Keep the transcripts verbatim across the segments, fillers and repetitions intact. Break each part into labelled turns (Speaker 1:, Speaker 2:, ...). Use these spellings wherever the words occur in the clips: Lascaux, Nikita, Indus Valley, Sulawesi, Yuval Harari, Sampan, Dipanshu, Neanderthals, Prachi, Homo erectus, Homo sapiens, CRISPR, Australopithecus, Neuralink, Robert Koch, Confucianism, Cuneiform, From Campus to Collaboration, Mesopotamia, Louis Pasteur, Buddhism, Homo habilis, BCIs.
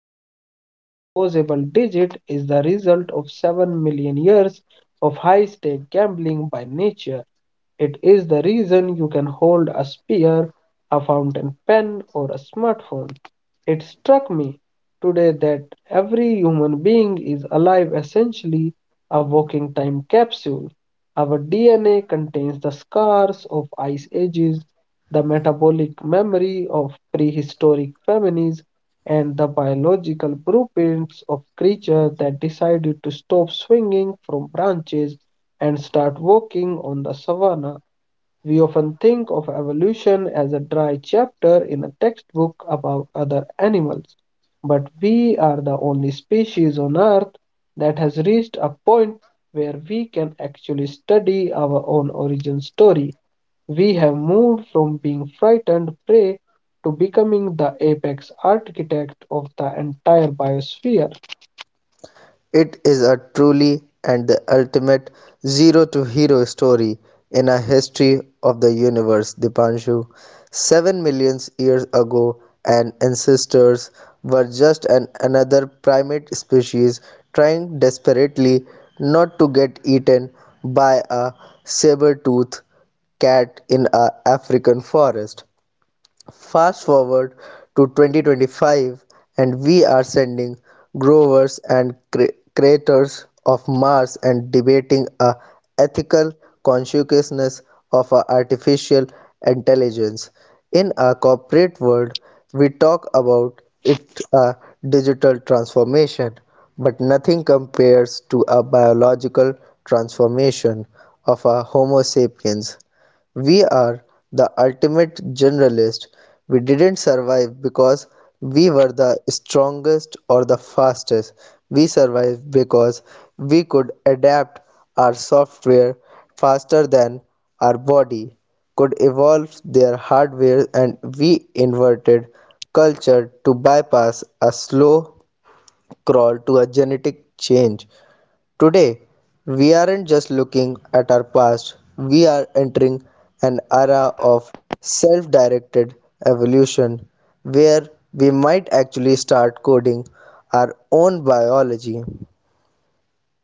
Speaker 1: That specific opposable digit is the result of 7 million years of high-stake gambling by nature. It is the reason you can hold a spear, a fountain pen, or a smartphone. It struck me today that every human being is alive essentially a walking time capsule. Our D N A contains the scars of ice ages, the metabolic memory of prehistoric families, and the biological blueprints of creatures that decided to stop swinging from branches and start walking on the savanna. We often think of evolution as a dry chapter in a textbook about other animals, but we are the only species on Earth that has reached a point where we can actually study our own origin story. We have moved from being frightened prey to becoming the apex architect of the entire biosphere.
Speaker 2: It is a truly and the ultimate zero to hero story in a history of the universe, Dipanshu. Seven million years ago, and ancestors were just an another primate species trying desperately not to get eaten by a saber-toothed cat in a African forest. Fast forward to twenty twenty-five, and we are sending growers and cre- creators of Mars and debating a ethical consciousness of a artificial intelligence. In a corporate world, we talk about it a digital transformation, but nothing compares to a biological transformation of a Homo sapiens. We are the ultimate generalist. We didn't survive because we were the strongest or the fastest. We survived because we could adapt our software faster than our body could evolve their hardware, and we inverted culture to bypass a slow crawl to a genetic change. Today, we aren't just looking at our past, we are entering an era of self directed evolution where we might actually start coding our own biology.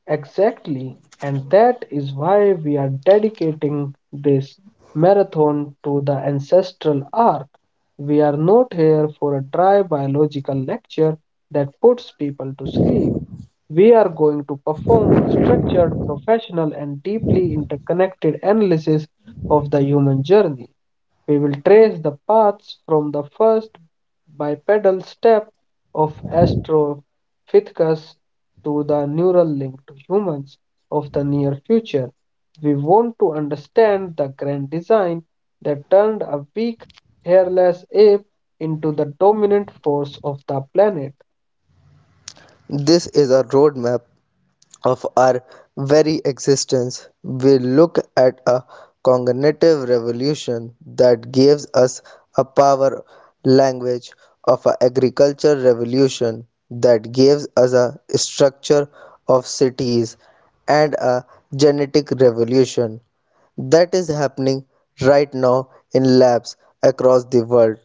Speaker 1: Exactly. And that is why we are dedicating this marathon to the ancestral arc. We are not here for a dry biological lecture that puts people to sleep. We are going to perform a structured, professional, and deeply interconnected analysis of the human journey. We will trace the paths from the first bipedal step of Australopithecus to the neural link to humans of the near future. We want to understand the grand design that turned a weak, hairless ape into the dominant force of the planet.
Speaker 2: This is a roadmap of our very existence. We look at a cognitive revolution that gives us a power language of a agriculture revolution that gives us a structure of cities and a genetic revolution that is happening right now in labs across the world.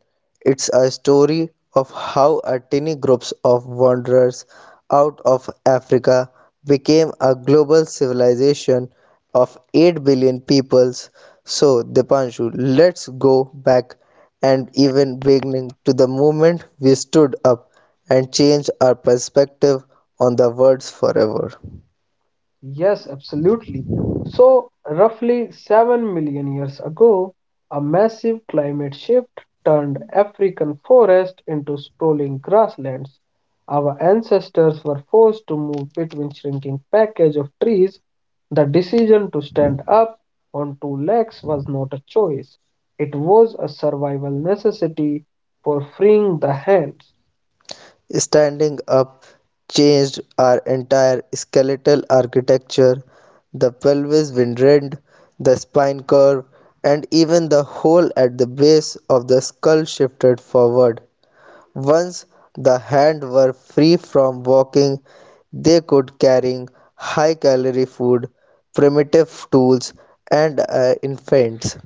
Speaker 2: It's a story of how a tiny group of wanderers out of Africa became a global civilization of eight billion peoples. So, Dipanshu, let's go back and even beginning to the moment we stood up and changed our perspective on the words forever.
Speaker 1: Yes, absolutely. So, roughly 7 million years ago, a massive climate shift turned African forest into sprawling grasslands. Our ancestors were forced to move between shrinking package of trees. The decision to stand up on two legs was not a choice. It was a survival necessity for freeing the hands.
Speaker 2: Standing up changed our entire skeletal architecture. The pelvis winded, the spine curved, and even the hole at the base of the skull shifted forward. Once the hand were free from walking, they could carry high calorie food, primitive tools, and uh, infants.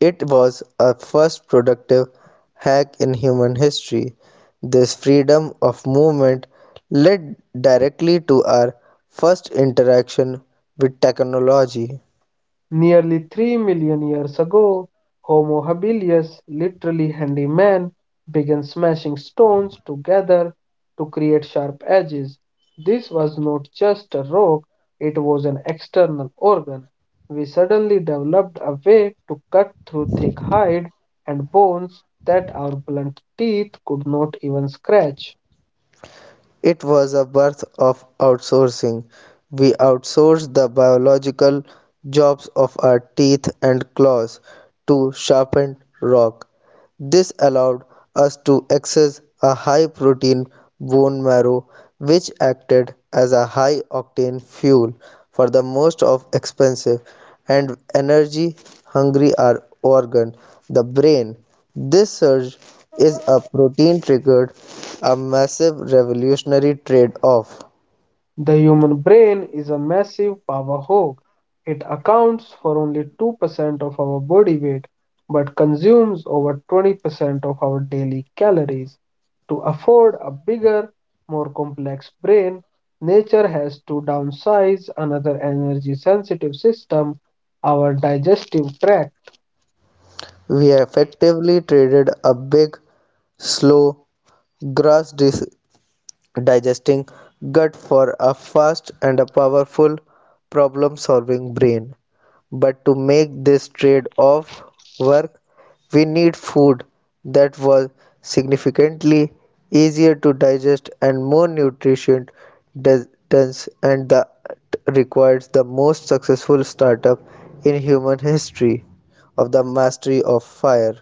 Speaker 2: It was a first productive hack in human history. This freedom of movement led directly to our first interaction with technology.
Speaker 1: Nearly three million years ago, "Homo habilis", literally "handy man", began smashing stones together to create sharp edges. This was not just a rock, it was an external organ. We suddenly developed a way to cut through thick hide and bones that our blunt teeth could not even scratch.
Speaker 2: It was a birth of outsourcing. We outsourced the biological jobs of our teeth and claws to sharpened rock. This allowed us to access a high protein bone marrow which acted as a high octane fuel for the most of expensive and energy hungry ar- organ, the brain. This surge is a protein triggered a massive revolutionary trade off.
Speaker 1: The human brain is a massive power hog. It accounts for only two percent of our body weight but consumes over twenty percent of our daily calories. To afford a bigger, more complex brain, nature has to downsize another energy sensitive system, our digestive tract.
Speaker 2: We effectively traded a big, slow, grass digesting gut for a fast and a powerful problem solving brain. But to make this trade off work, we need food that was significantly easier to digest and more nutrition dense, and that requires the most successful startup in human history of the mastery of fire.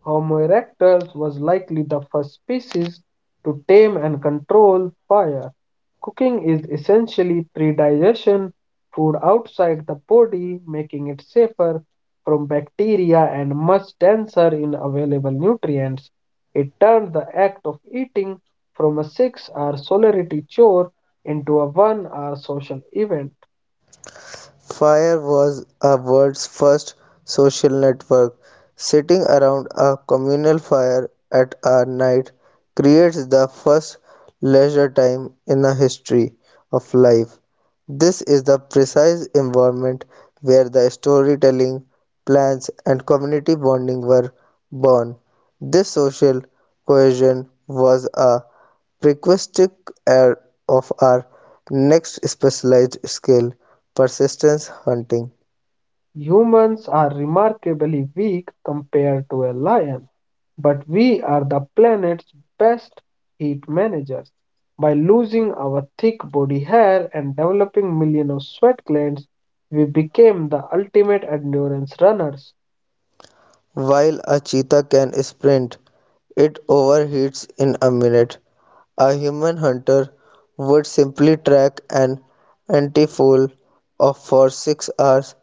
Speaker 1: Homo erectus was likely the first species to tame and control fire. Cooking is essentially pre-digestion food outside the body, making it safer from bacteria and much denser in available nutrients. It turned the act of eating from a six-hour solidarity chore into a one-hour social event.
Speaker 2: Fire was a world's first social network. Sitting around a communal fire at a night creates the first leisure time in the history of life. This is the precise environment where the storytelling, plans, and community bonding were born. This social cohesion was a prerequisite of our next specialized skill, persistence hunting.
Speaker 1: Humans are remarkably weak compared to a lion, but we are the planet's best heat managers. By losing our thick body hair and developing millions of sweat glands, we became the ultimate endurance runners.
Speaker 2: While a cheetah can sprint, it overheats in a minute. A human hunter would simply track an antefoal of for six hours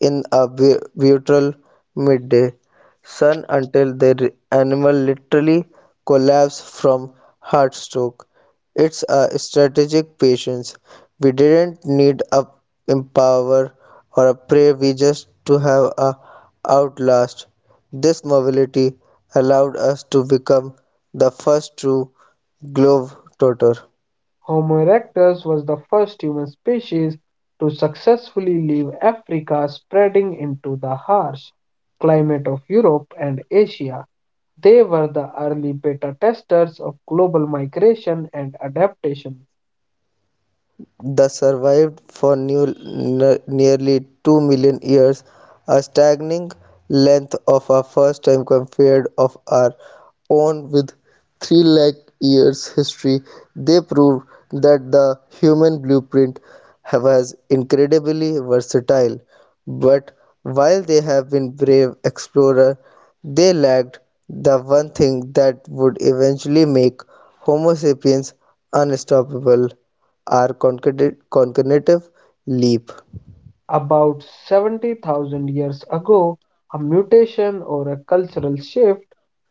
Speaker 2: in a brutal midday sun until the animal literally collapsed from heatstroke. It's a strategic patience. We didn't need a empower or a prey, we just to have a outlast. This mobility allowed us to become the first true globetrotter.
Speaker 1: Homo erectus was the first human species to successfully leave Africa, spreading into the harsh climate of Europe and Asia. They were the early beta testers of global migration and adaptation.
Speaker 2: That survived for new, nearly two million years, a staggering length of our first time compared of our own with three lakh years history. They proved that the human blueprint was incredibly versatile, but while they have been brave explorers, they lacked the one thing that would eventually make homo sapiens unstoppable, are concatenative leap.
Speaker 1: About seventy thousand years ago, a mutation or a cultural shift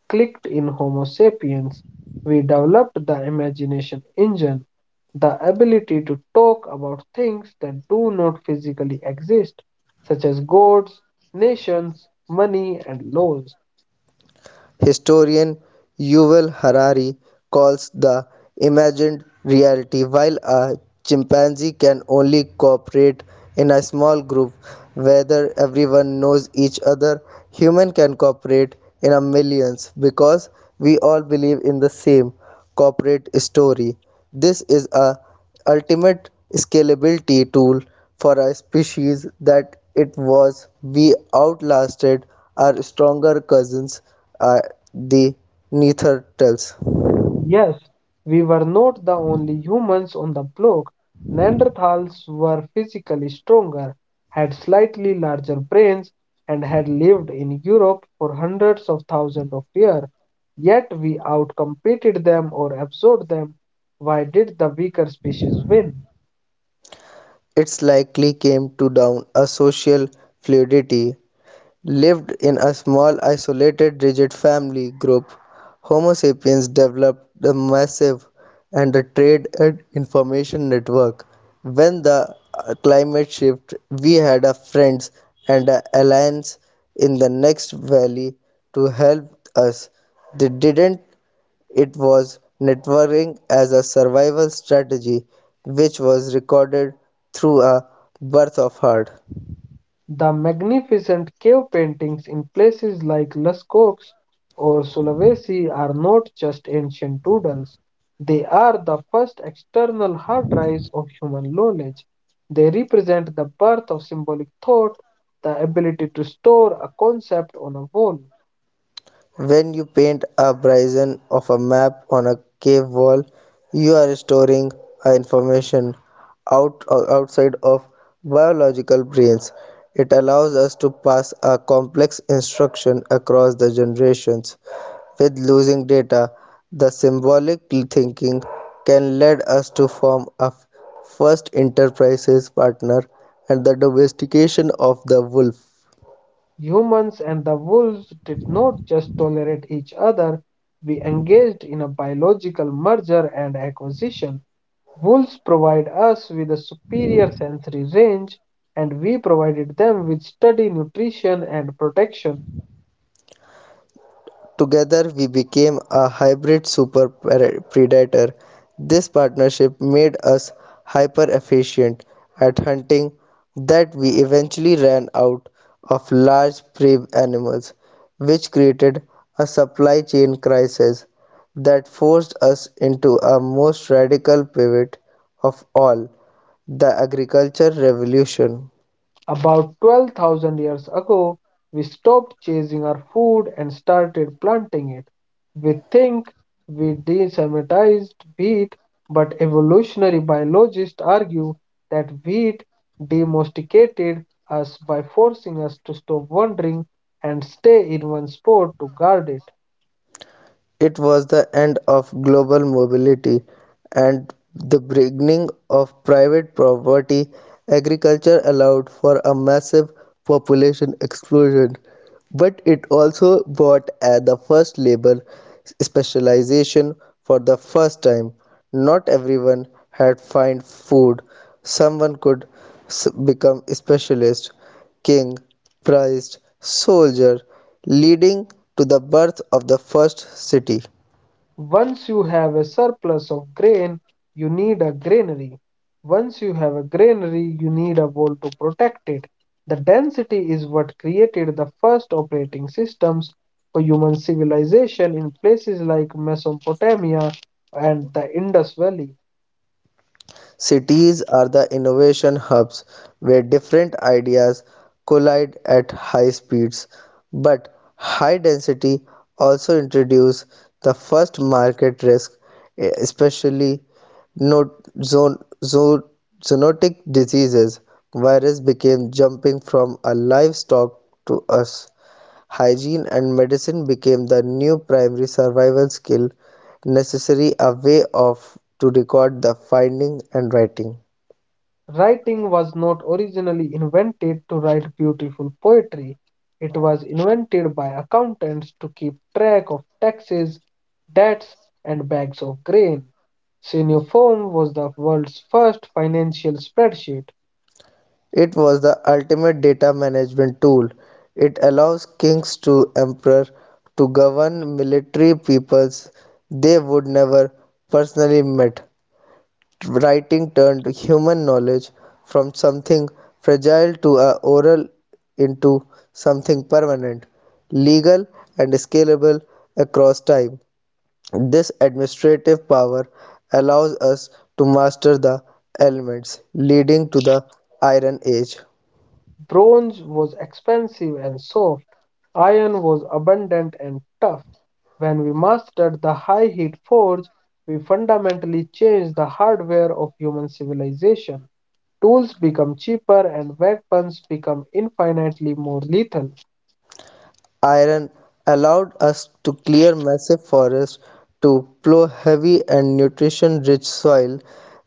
Speaker 1: clicked in Homo sapiens. We developed the imagination engine, the ability to talk about things that do not physically exist, such as gods, nations, money, and laws.
Speaker 2: Historian Yuval Harari calls the imagined reality. While a chimpanzee can only cooperate in a small group whether everyone knows each other, human can cooperate in a millions because we all believe in the same corporate story. This is a ultimate scalability tool for a species that it was we outlasted our stronger cousins are the Neanderthals.
Speaker 1: Yes, we were not the only humans on the block. Neanderthals were physically stronger, had slightly larger brains, and had lived in Europe for hundreds of thousands of years. Yet we outcompeted them or absorbed them. Why did the weaker species win?
Speaker 2: It's likely came to down a social fluidity, lived in a small isolated rigid family group. Homo sapiens developed the massive and the trade and information network. When the uh, climate shift, we had a friends and a alliance in the next valley to help us. They didn't. It was networking as a survival strategy which was recorded through a "Birth of Herd".
Speaker 1: The magnificent cave paintings in places like Lascaux or Sulawesi are not just ancient doodles. They are the first external hard drives of human knowledge. They represent the birth of symbolic thought, the ability to store a concept on a wall.
Speaker 2: When you paint a bison of a map on a cave wall, you are storing a information out, uh, outside of biological brains. It allows us to pass a complex instruction across the generations. With losing data, the symbolic thinking can lead us to form a first enterprise partner and the domestication of the wolf.
Speaker 1: Humans and the wolves did not just tolerate each other, we engaged in a biological merger and acquisition. Wolves provide us with a superior sensory range, and we provided them with steady nutrition and protection.
Speaker 2: Together we became a hybrid super predator. This partnership made us hyper efficient at hunting that we eventually ran out of large prey animals, which created a supply chain crisis that forced us into a most radical pivot of all the agriculture revolution.
Speaker 1: About twelve thousand years ago, we stopped chasing our food and started planting it. We think we desemitized wheat, but evolutionary biologists argue that wheat domesticated us by forcing us to stop wandering and stay in one spot to guard it.
Speaker 2: It was the end of global mobility and the beginning of private property. Agriculture allowed for a massive population explosion, but it also brought uh, the first labor specialization for the first time. Not everyone had find food. Someone could s- become a specialist king, prized soldier, leading to the birth of the first city.
Speaker 1: Once you have a surplus of grain, you need a granary. Once you have a granary, you need a wall to protect it. The density is what created the first operating systems for human civilization in places like Mesopotamia and the Indus Valley.
Speaker 2: Cities are the innovation hubs where different ideas collide at high speeds, but high density also introduces the first market risk, especially no- zoonotic diseases. Virus became jumping from a livestock to us. Hygiene and medicine became the new primary survival skill necessary a way of to record the finding and writing.
Speaker 1: Writing was not originally invented to write beautiful poetry. It was invented by accountants to keep track of taxes, debts, and bags of grain. Cuneiform was the world's first financial spreadsheet.
Speaker 2: It was the ultimate data management tool. It allows kings to emperor to govern military peoples they would never personally met. Writing turned human knowledge from something fragile to a oral into something permanent, legal and scalable across time. This administrative power allows us to master the elements, leading to the Iron Age.
Speaker 1: Bronze was expensive and soft. Iron was abundant and tough. When we mastered the high heat forge, we fundamentally changed the hardware of human civilization. Tools become cheaper and weapons become infinitely more lethal.
Speaker 2: Iron allowed us to clear massive forests to plow heavy and nutrition-rich soil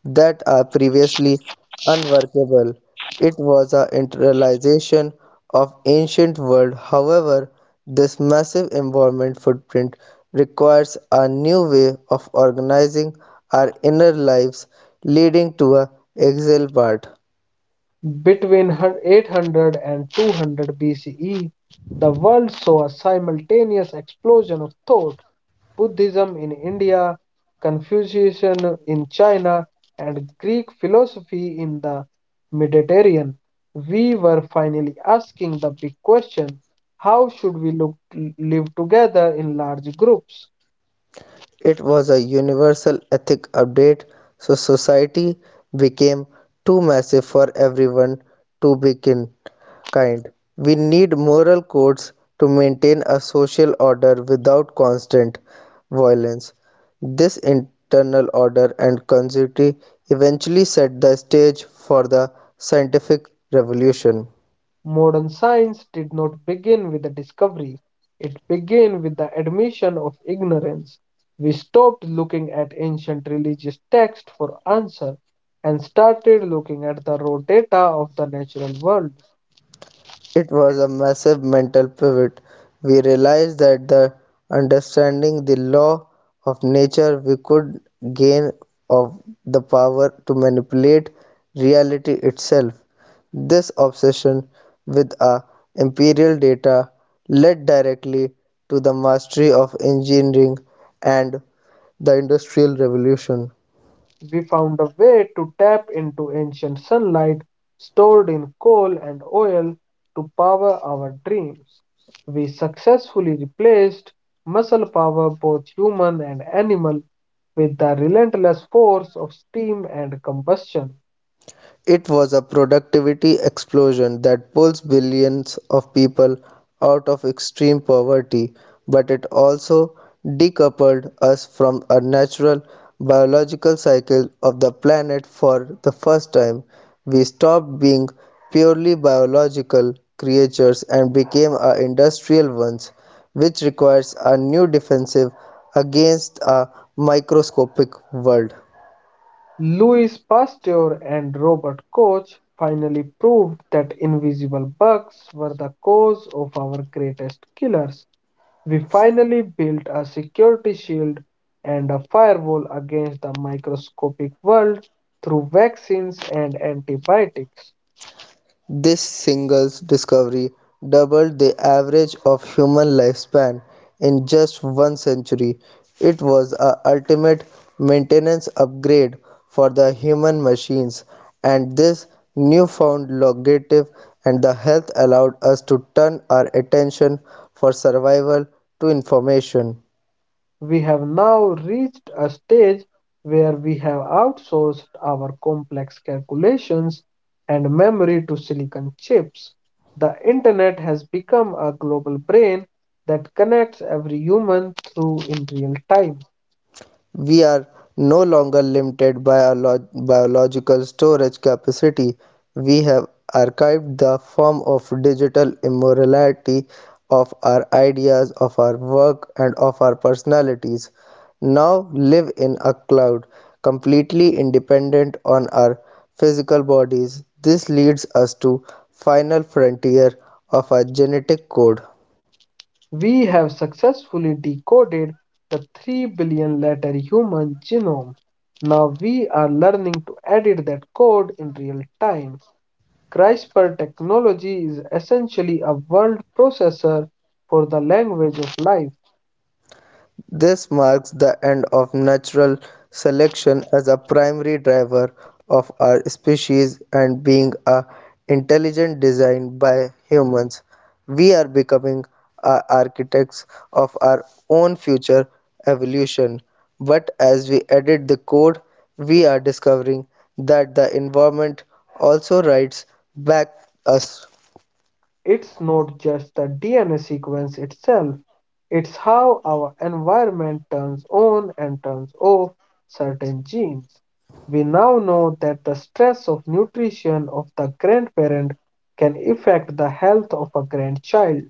Speaker 2: that are previously unworkable. It was a internalization of ancient world. However, this massive environment footprint requires a new way of organizing our inner lives, leading to a exile part.
Speaker 1: Between hun- 800 and 200 B C E, the world saw a simultaneous explosion of thought. Buddhism in India, Confucianism in China, and Greek philosophy in the Mediterranean, we were finally asking the big question: how should we look, live together in large groups?
Speaker 2: It was a universal ethic update, so society became too massive for everyone to be kind. We need moral codes to maintain a social order without constant violence. This internal order and continuity eventually set the stage for the scientific revolution.
Speaker 1: Modern science did not begin with the discovery, it began with the admission of ignorance. We stopped looking at ancient religious texts for answer and started looking at the raw data of the natural world.
Speaker 2: It was a massive mental pivot. We realized that the understanding the law of nature we could gain of the power to manipulate reality itself. This obsession with our imperial data led directly to the mastery of engineering and the industrial revolution.
Speaker 1: We found a way to tap into ancient sunlight stored in coal and oil to power our dreams. We successfully replaced muscle power, both human and animal, with the relentless force of steam and combustion.
Speaker 2: It was a productivity explosion that pulls billions of people out of extreme poverty, but it also decoupled us from a natural biological cycle of the planet for the first time. We stopped being purely biological creatures and became a industrial ones, which requires a new defensive against a microscopic world.
Speaker 1: Louis Pasteur and Robert Koch finally proved that invisible bugs were the cause of our greatest killers. We finally built a security shield and a firewall against the microscopic world through vaccines and antibiotics.
Speaker 2: This single's discovery doubled the average of human lifespan in just one century. It was a ultimate maintenance upgrade for the human machines, and this newfound longevity and the health allowed us to turn our attention for survival to information.
Speaker 1: We have now reached a stage where we have outsourced our complex calculations and memory to silicon chips. The internet has become a global brain that connects every human through in real time.
Speaker 2: We are no longer limited by our lo- biological storage capacity. We have archived the form of digital immorality of our ideas, of our work, and of our personalities. Now live in a cloud, completely independent on our physical bodies. This leads us to final frontier of our genetic code.
Speaker 1: We have successfully decoded the 3 billion letter human genome. Now we are learning to edit that code in real time. CRISPR technology is essentially a word processor for the language of life.
Speaker 2: This marks the end of natural selection as a primary driver of our species and being a intelligent design by humans. We are becoming a architects of our own future evolution. But as we edit the code, we are discovering that the environment also writes back us.
Speaker 1: It's not just the D N A sequence itself, it's how our environment turns on and turns off certain genes. We now know that the stress of nutrition of the grandparent can affect the health of a grandchild.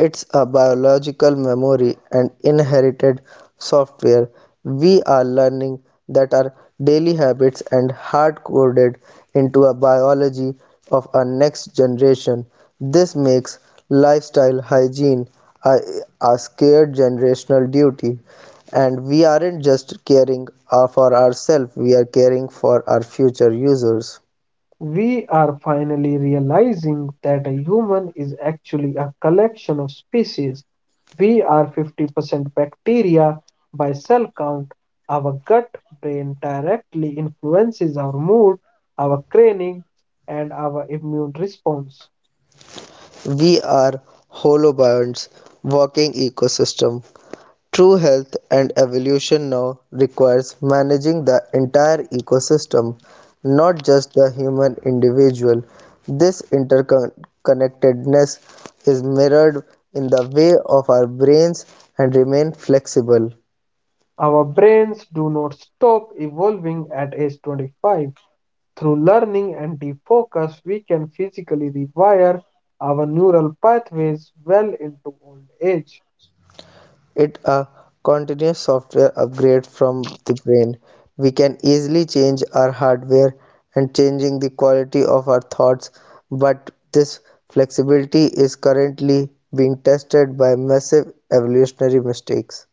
Speaker 2: It's a biological memory and inherited software. We are learning that our daily habits and hard coded into a biology of our next generation. This makes lifestyle hygiene a, a scared generational duty. And we aren't just caring uh, for ourselves, we are caring for our future users.
Speaker 1: We are finally realizing that a human is actually a collection of species. We are fifty percent bacteria by cell count. Our gut brain directly influences our mood, our craving, and our immune response.
Speaker 2: We are holobionts, walking ecosystem. True health and evolution now requires managing the entire ecosystem, not just the human individual. This interconnectedness is mirrored in the way of our brains and remain flexible.
Speaker 1: Our brains do not stop evolving at age twenty-five. Through learning and defocus, we can physically rewire our neural pathways well into old age.
Speaker 2: It's a continuous software upgrade from the brain. We can easily change our hardware and changing the quality of our thoughts, but this flexibility is currently being tested by massive evolutionary mistakes.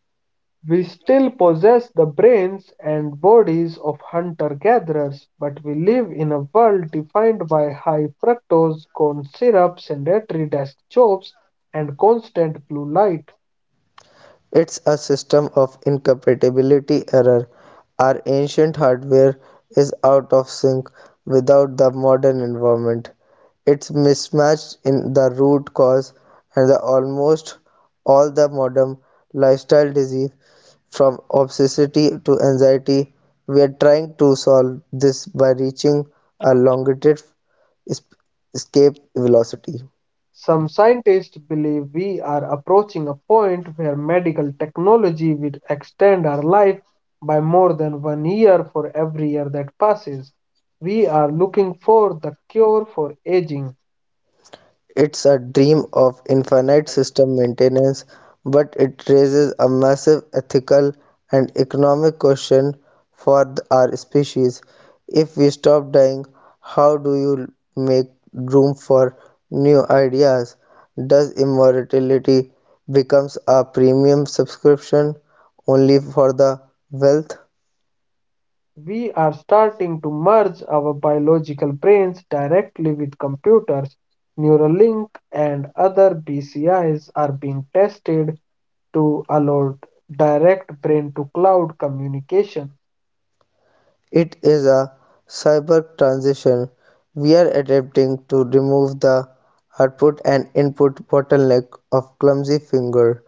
Speaker 1: We still possess the brains and bodies of hunter gatherers, but we live in a world defined by high fructose corn syrup, sedentary desk jobs, and constant blue light.
Speaker 2: It's a system of incompatibility error. Our ancient hardware is out of sync without the modern environment. It's mismatched in the root cause and the almost all the modern lifestyle disease from obesity to anxiety. We are trying to solve this by reaching a longitudinal escape velocity.
Speaker 1: Some scientists believe we are approaching a point where medical technology will extend our life by more than one year for every year that passes. We are looking for the cure for aging.
Speaker 2: It's a dream of infinite system maintenance, but it raises a massive ethical and economic question for th- our species. If we stop dying, how do you make room for new ideas? Does immortality becomes a premium subscription only for the wealth?
Speaker 1: We are starting to merge our biological brains directly with computers. Neuralink and other B C Is are being tested to allow direct brain to cloud communication.
Speaker 2: It is a cyber transition; we're adapting to remove the output and input bottleneck of clumsy finger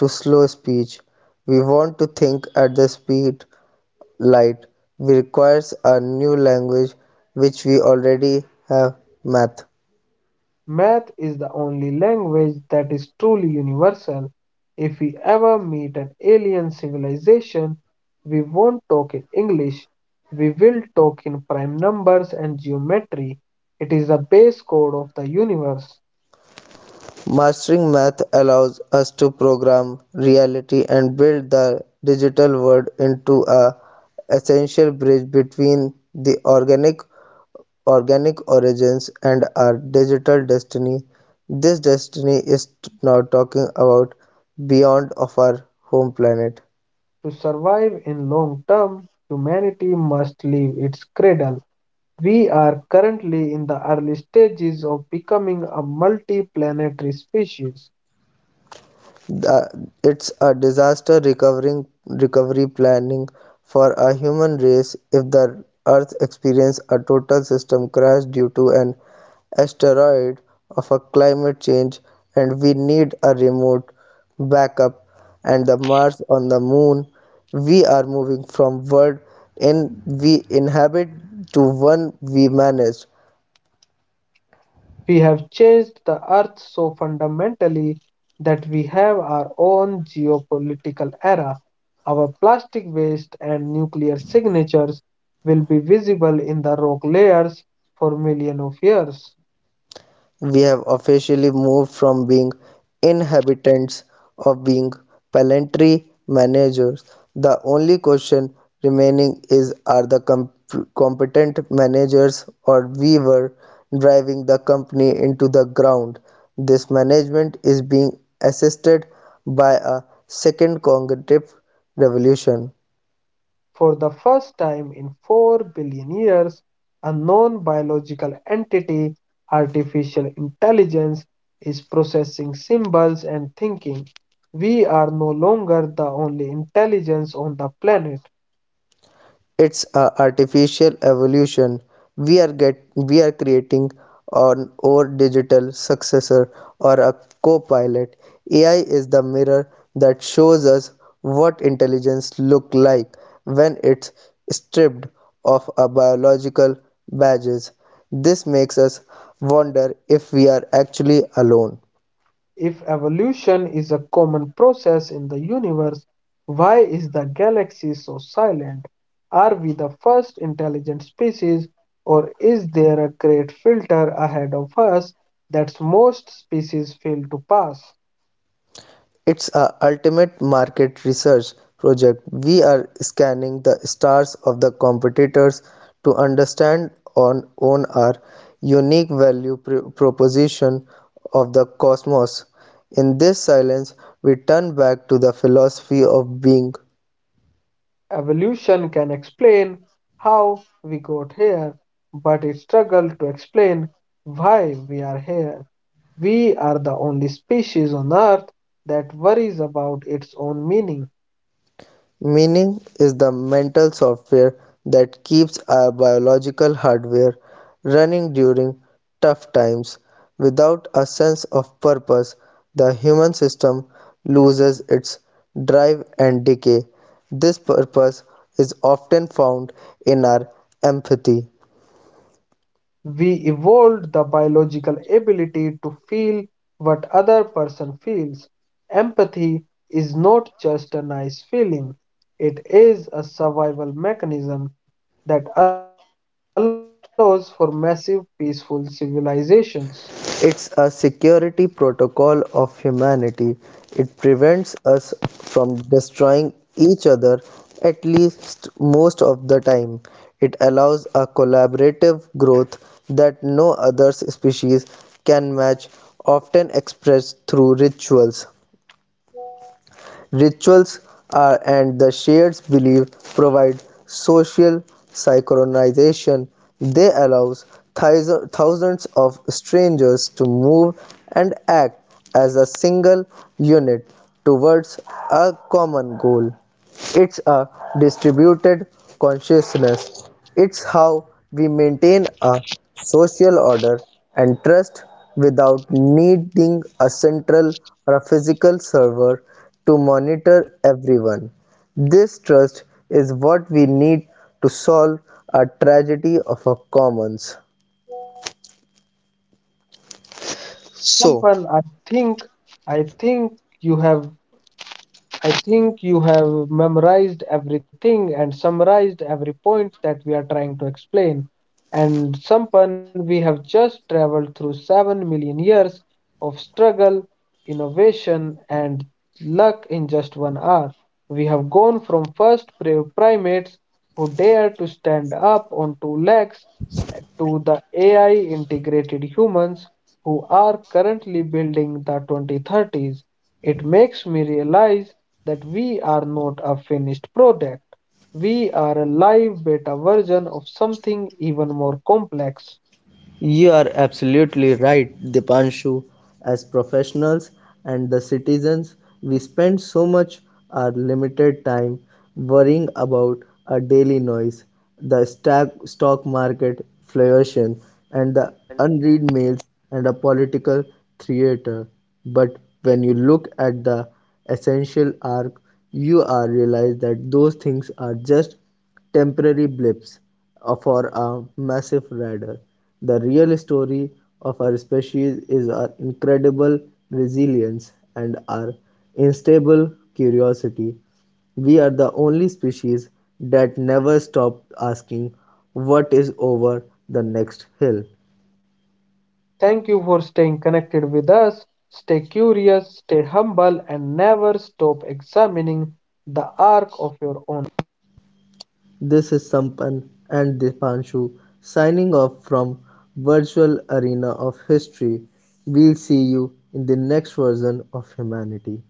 Speaker 2: to slow speech. We want to think at the speed light. We requires a new language which we already have math.
Speaker 1: Math is the only language that is truly universal. If we ever meet an alien civilization, we won't talk in English. We will talk in prime numbers and geometry. It is the base code of the universe.
Speaker 2: Mastering math allows us to program reality and build the digital world into a essential bridge between the organic organic origins and our digital destiny. This destiny is t- now talking about beyond of our home planet.
Speaker 1: To survive in long term, humanity must leave its cradle. We are currently in the early stages of becoming a multi planetary species.
Speaker 2: The, it's a disaster recovering recovery planning for a human race if the Earth experiences a total system crash due to an asteroid of a climate change, and we need a remote backup and the Mars on the moon. We are moving from world in we inhabit to one we manage.
Speaker 1: We have changed the earth so fundamentally that we have our own geopolitical era. Our plastic waste and nuclear signatures will be visible in the rock layers for millions of years.
Speaker 2: We have officially moved from being inhabitants of being planetary managers. The only question remaining is, are the com- competent managers or we were driving the company into the ground. This management is being assisted by a second cognitive revolution.
Speaker 1: For the first time in 4 billion years, a non biological entity, artificial intelligence, is processing symbols and thinking. We are no longer the only intelligence on the planet.
Speaker 2: It's a artificial evolution. We are get we are creating on our digital successor or a co-pilot. Ai is the mirror that shows us what intelligence look like when it's stripped of a biological badges. This makes us wonder if we are actually alone.
Speaker 1: If evolution is a common process in the universe, why is the galaxy so silent? Are we the first intelligent species, or is there a great filter ahead of us that most species fail to pass?
Speaker 2: It's a ultimate market research project. We are scanning the stars of the competitors to understand on own our unique value pr- proposition of the cosmos. In this silence, we turn back to the philosophy of being.
Speaker 1: Evolution can explain how we got here, but it struggles to explain why we are here. We are the only species on Earth that worries about its own meaning.
Speaker 2: Meaning is the mental software that keeps our biological hardware running during tough times. Without a sense of purpose, the human system loses its drive and decay. This purpose is often found in our empathy.
Speaker 1: We evolved the biological ability to feel what other person feels. Empathy is not just a nice feeling. It is a survival mechanism that allows for massive peaceful civilizations.
Speaker 2: It's a security protocol of humanity. It prevents us from destroying each other, at least most of the time. It allows a collaborative growth that no other species can match, often expressed through rituals. Rituals are and the shared belief provide social synchronization. They allows thous- thousands of strangers to move and act as a single unit towards a common goal. It's a distributed consciousness. It's how we maintain a social order and trust without needing a central or a physical server to monitor everyone. This trust is what we need to solve a tragedy of our commons. So,
Speaker 1: Someone I think I think you have I think you have memorized everything and summarized every point that we are trying to explain. And Sampan, we have just traveled through 7 million years of struggle, innovation, and luck in just one hour. We have gone from first pri- primates who dared to stand up on two legs to the A I integrated humans who are currently building the twenty thirties. It makes me realize that we are not a finished product. We are a live beta version of something even more complex.
Speaker 2: You are absolutely right, Dipanshu. As professionals and the citizens, we spend so much our limited time worrying about our daily noise, the stock, stock market fluctuation, and the unread mails and a political theater. But when you look at the essential arc, you are realize that those things are just temporary blips uh, for a massive radar. The real story of our species is our incredible resilience and our unstable curiosity. We are the only species that never stopped asking what is over the next hill.
Speaker 1: Thank you for staying connected with us. Stay curious, stay humble, and never stop examining the arc of your own.
Speaker 2: This is Sampan and Dipanshu signing off from virtual arena of history. We'll see you in the next version of humanity.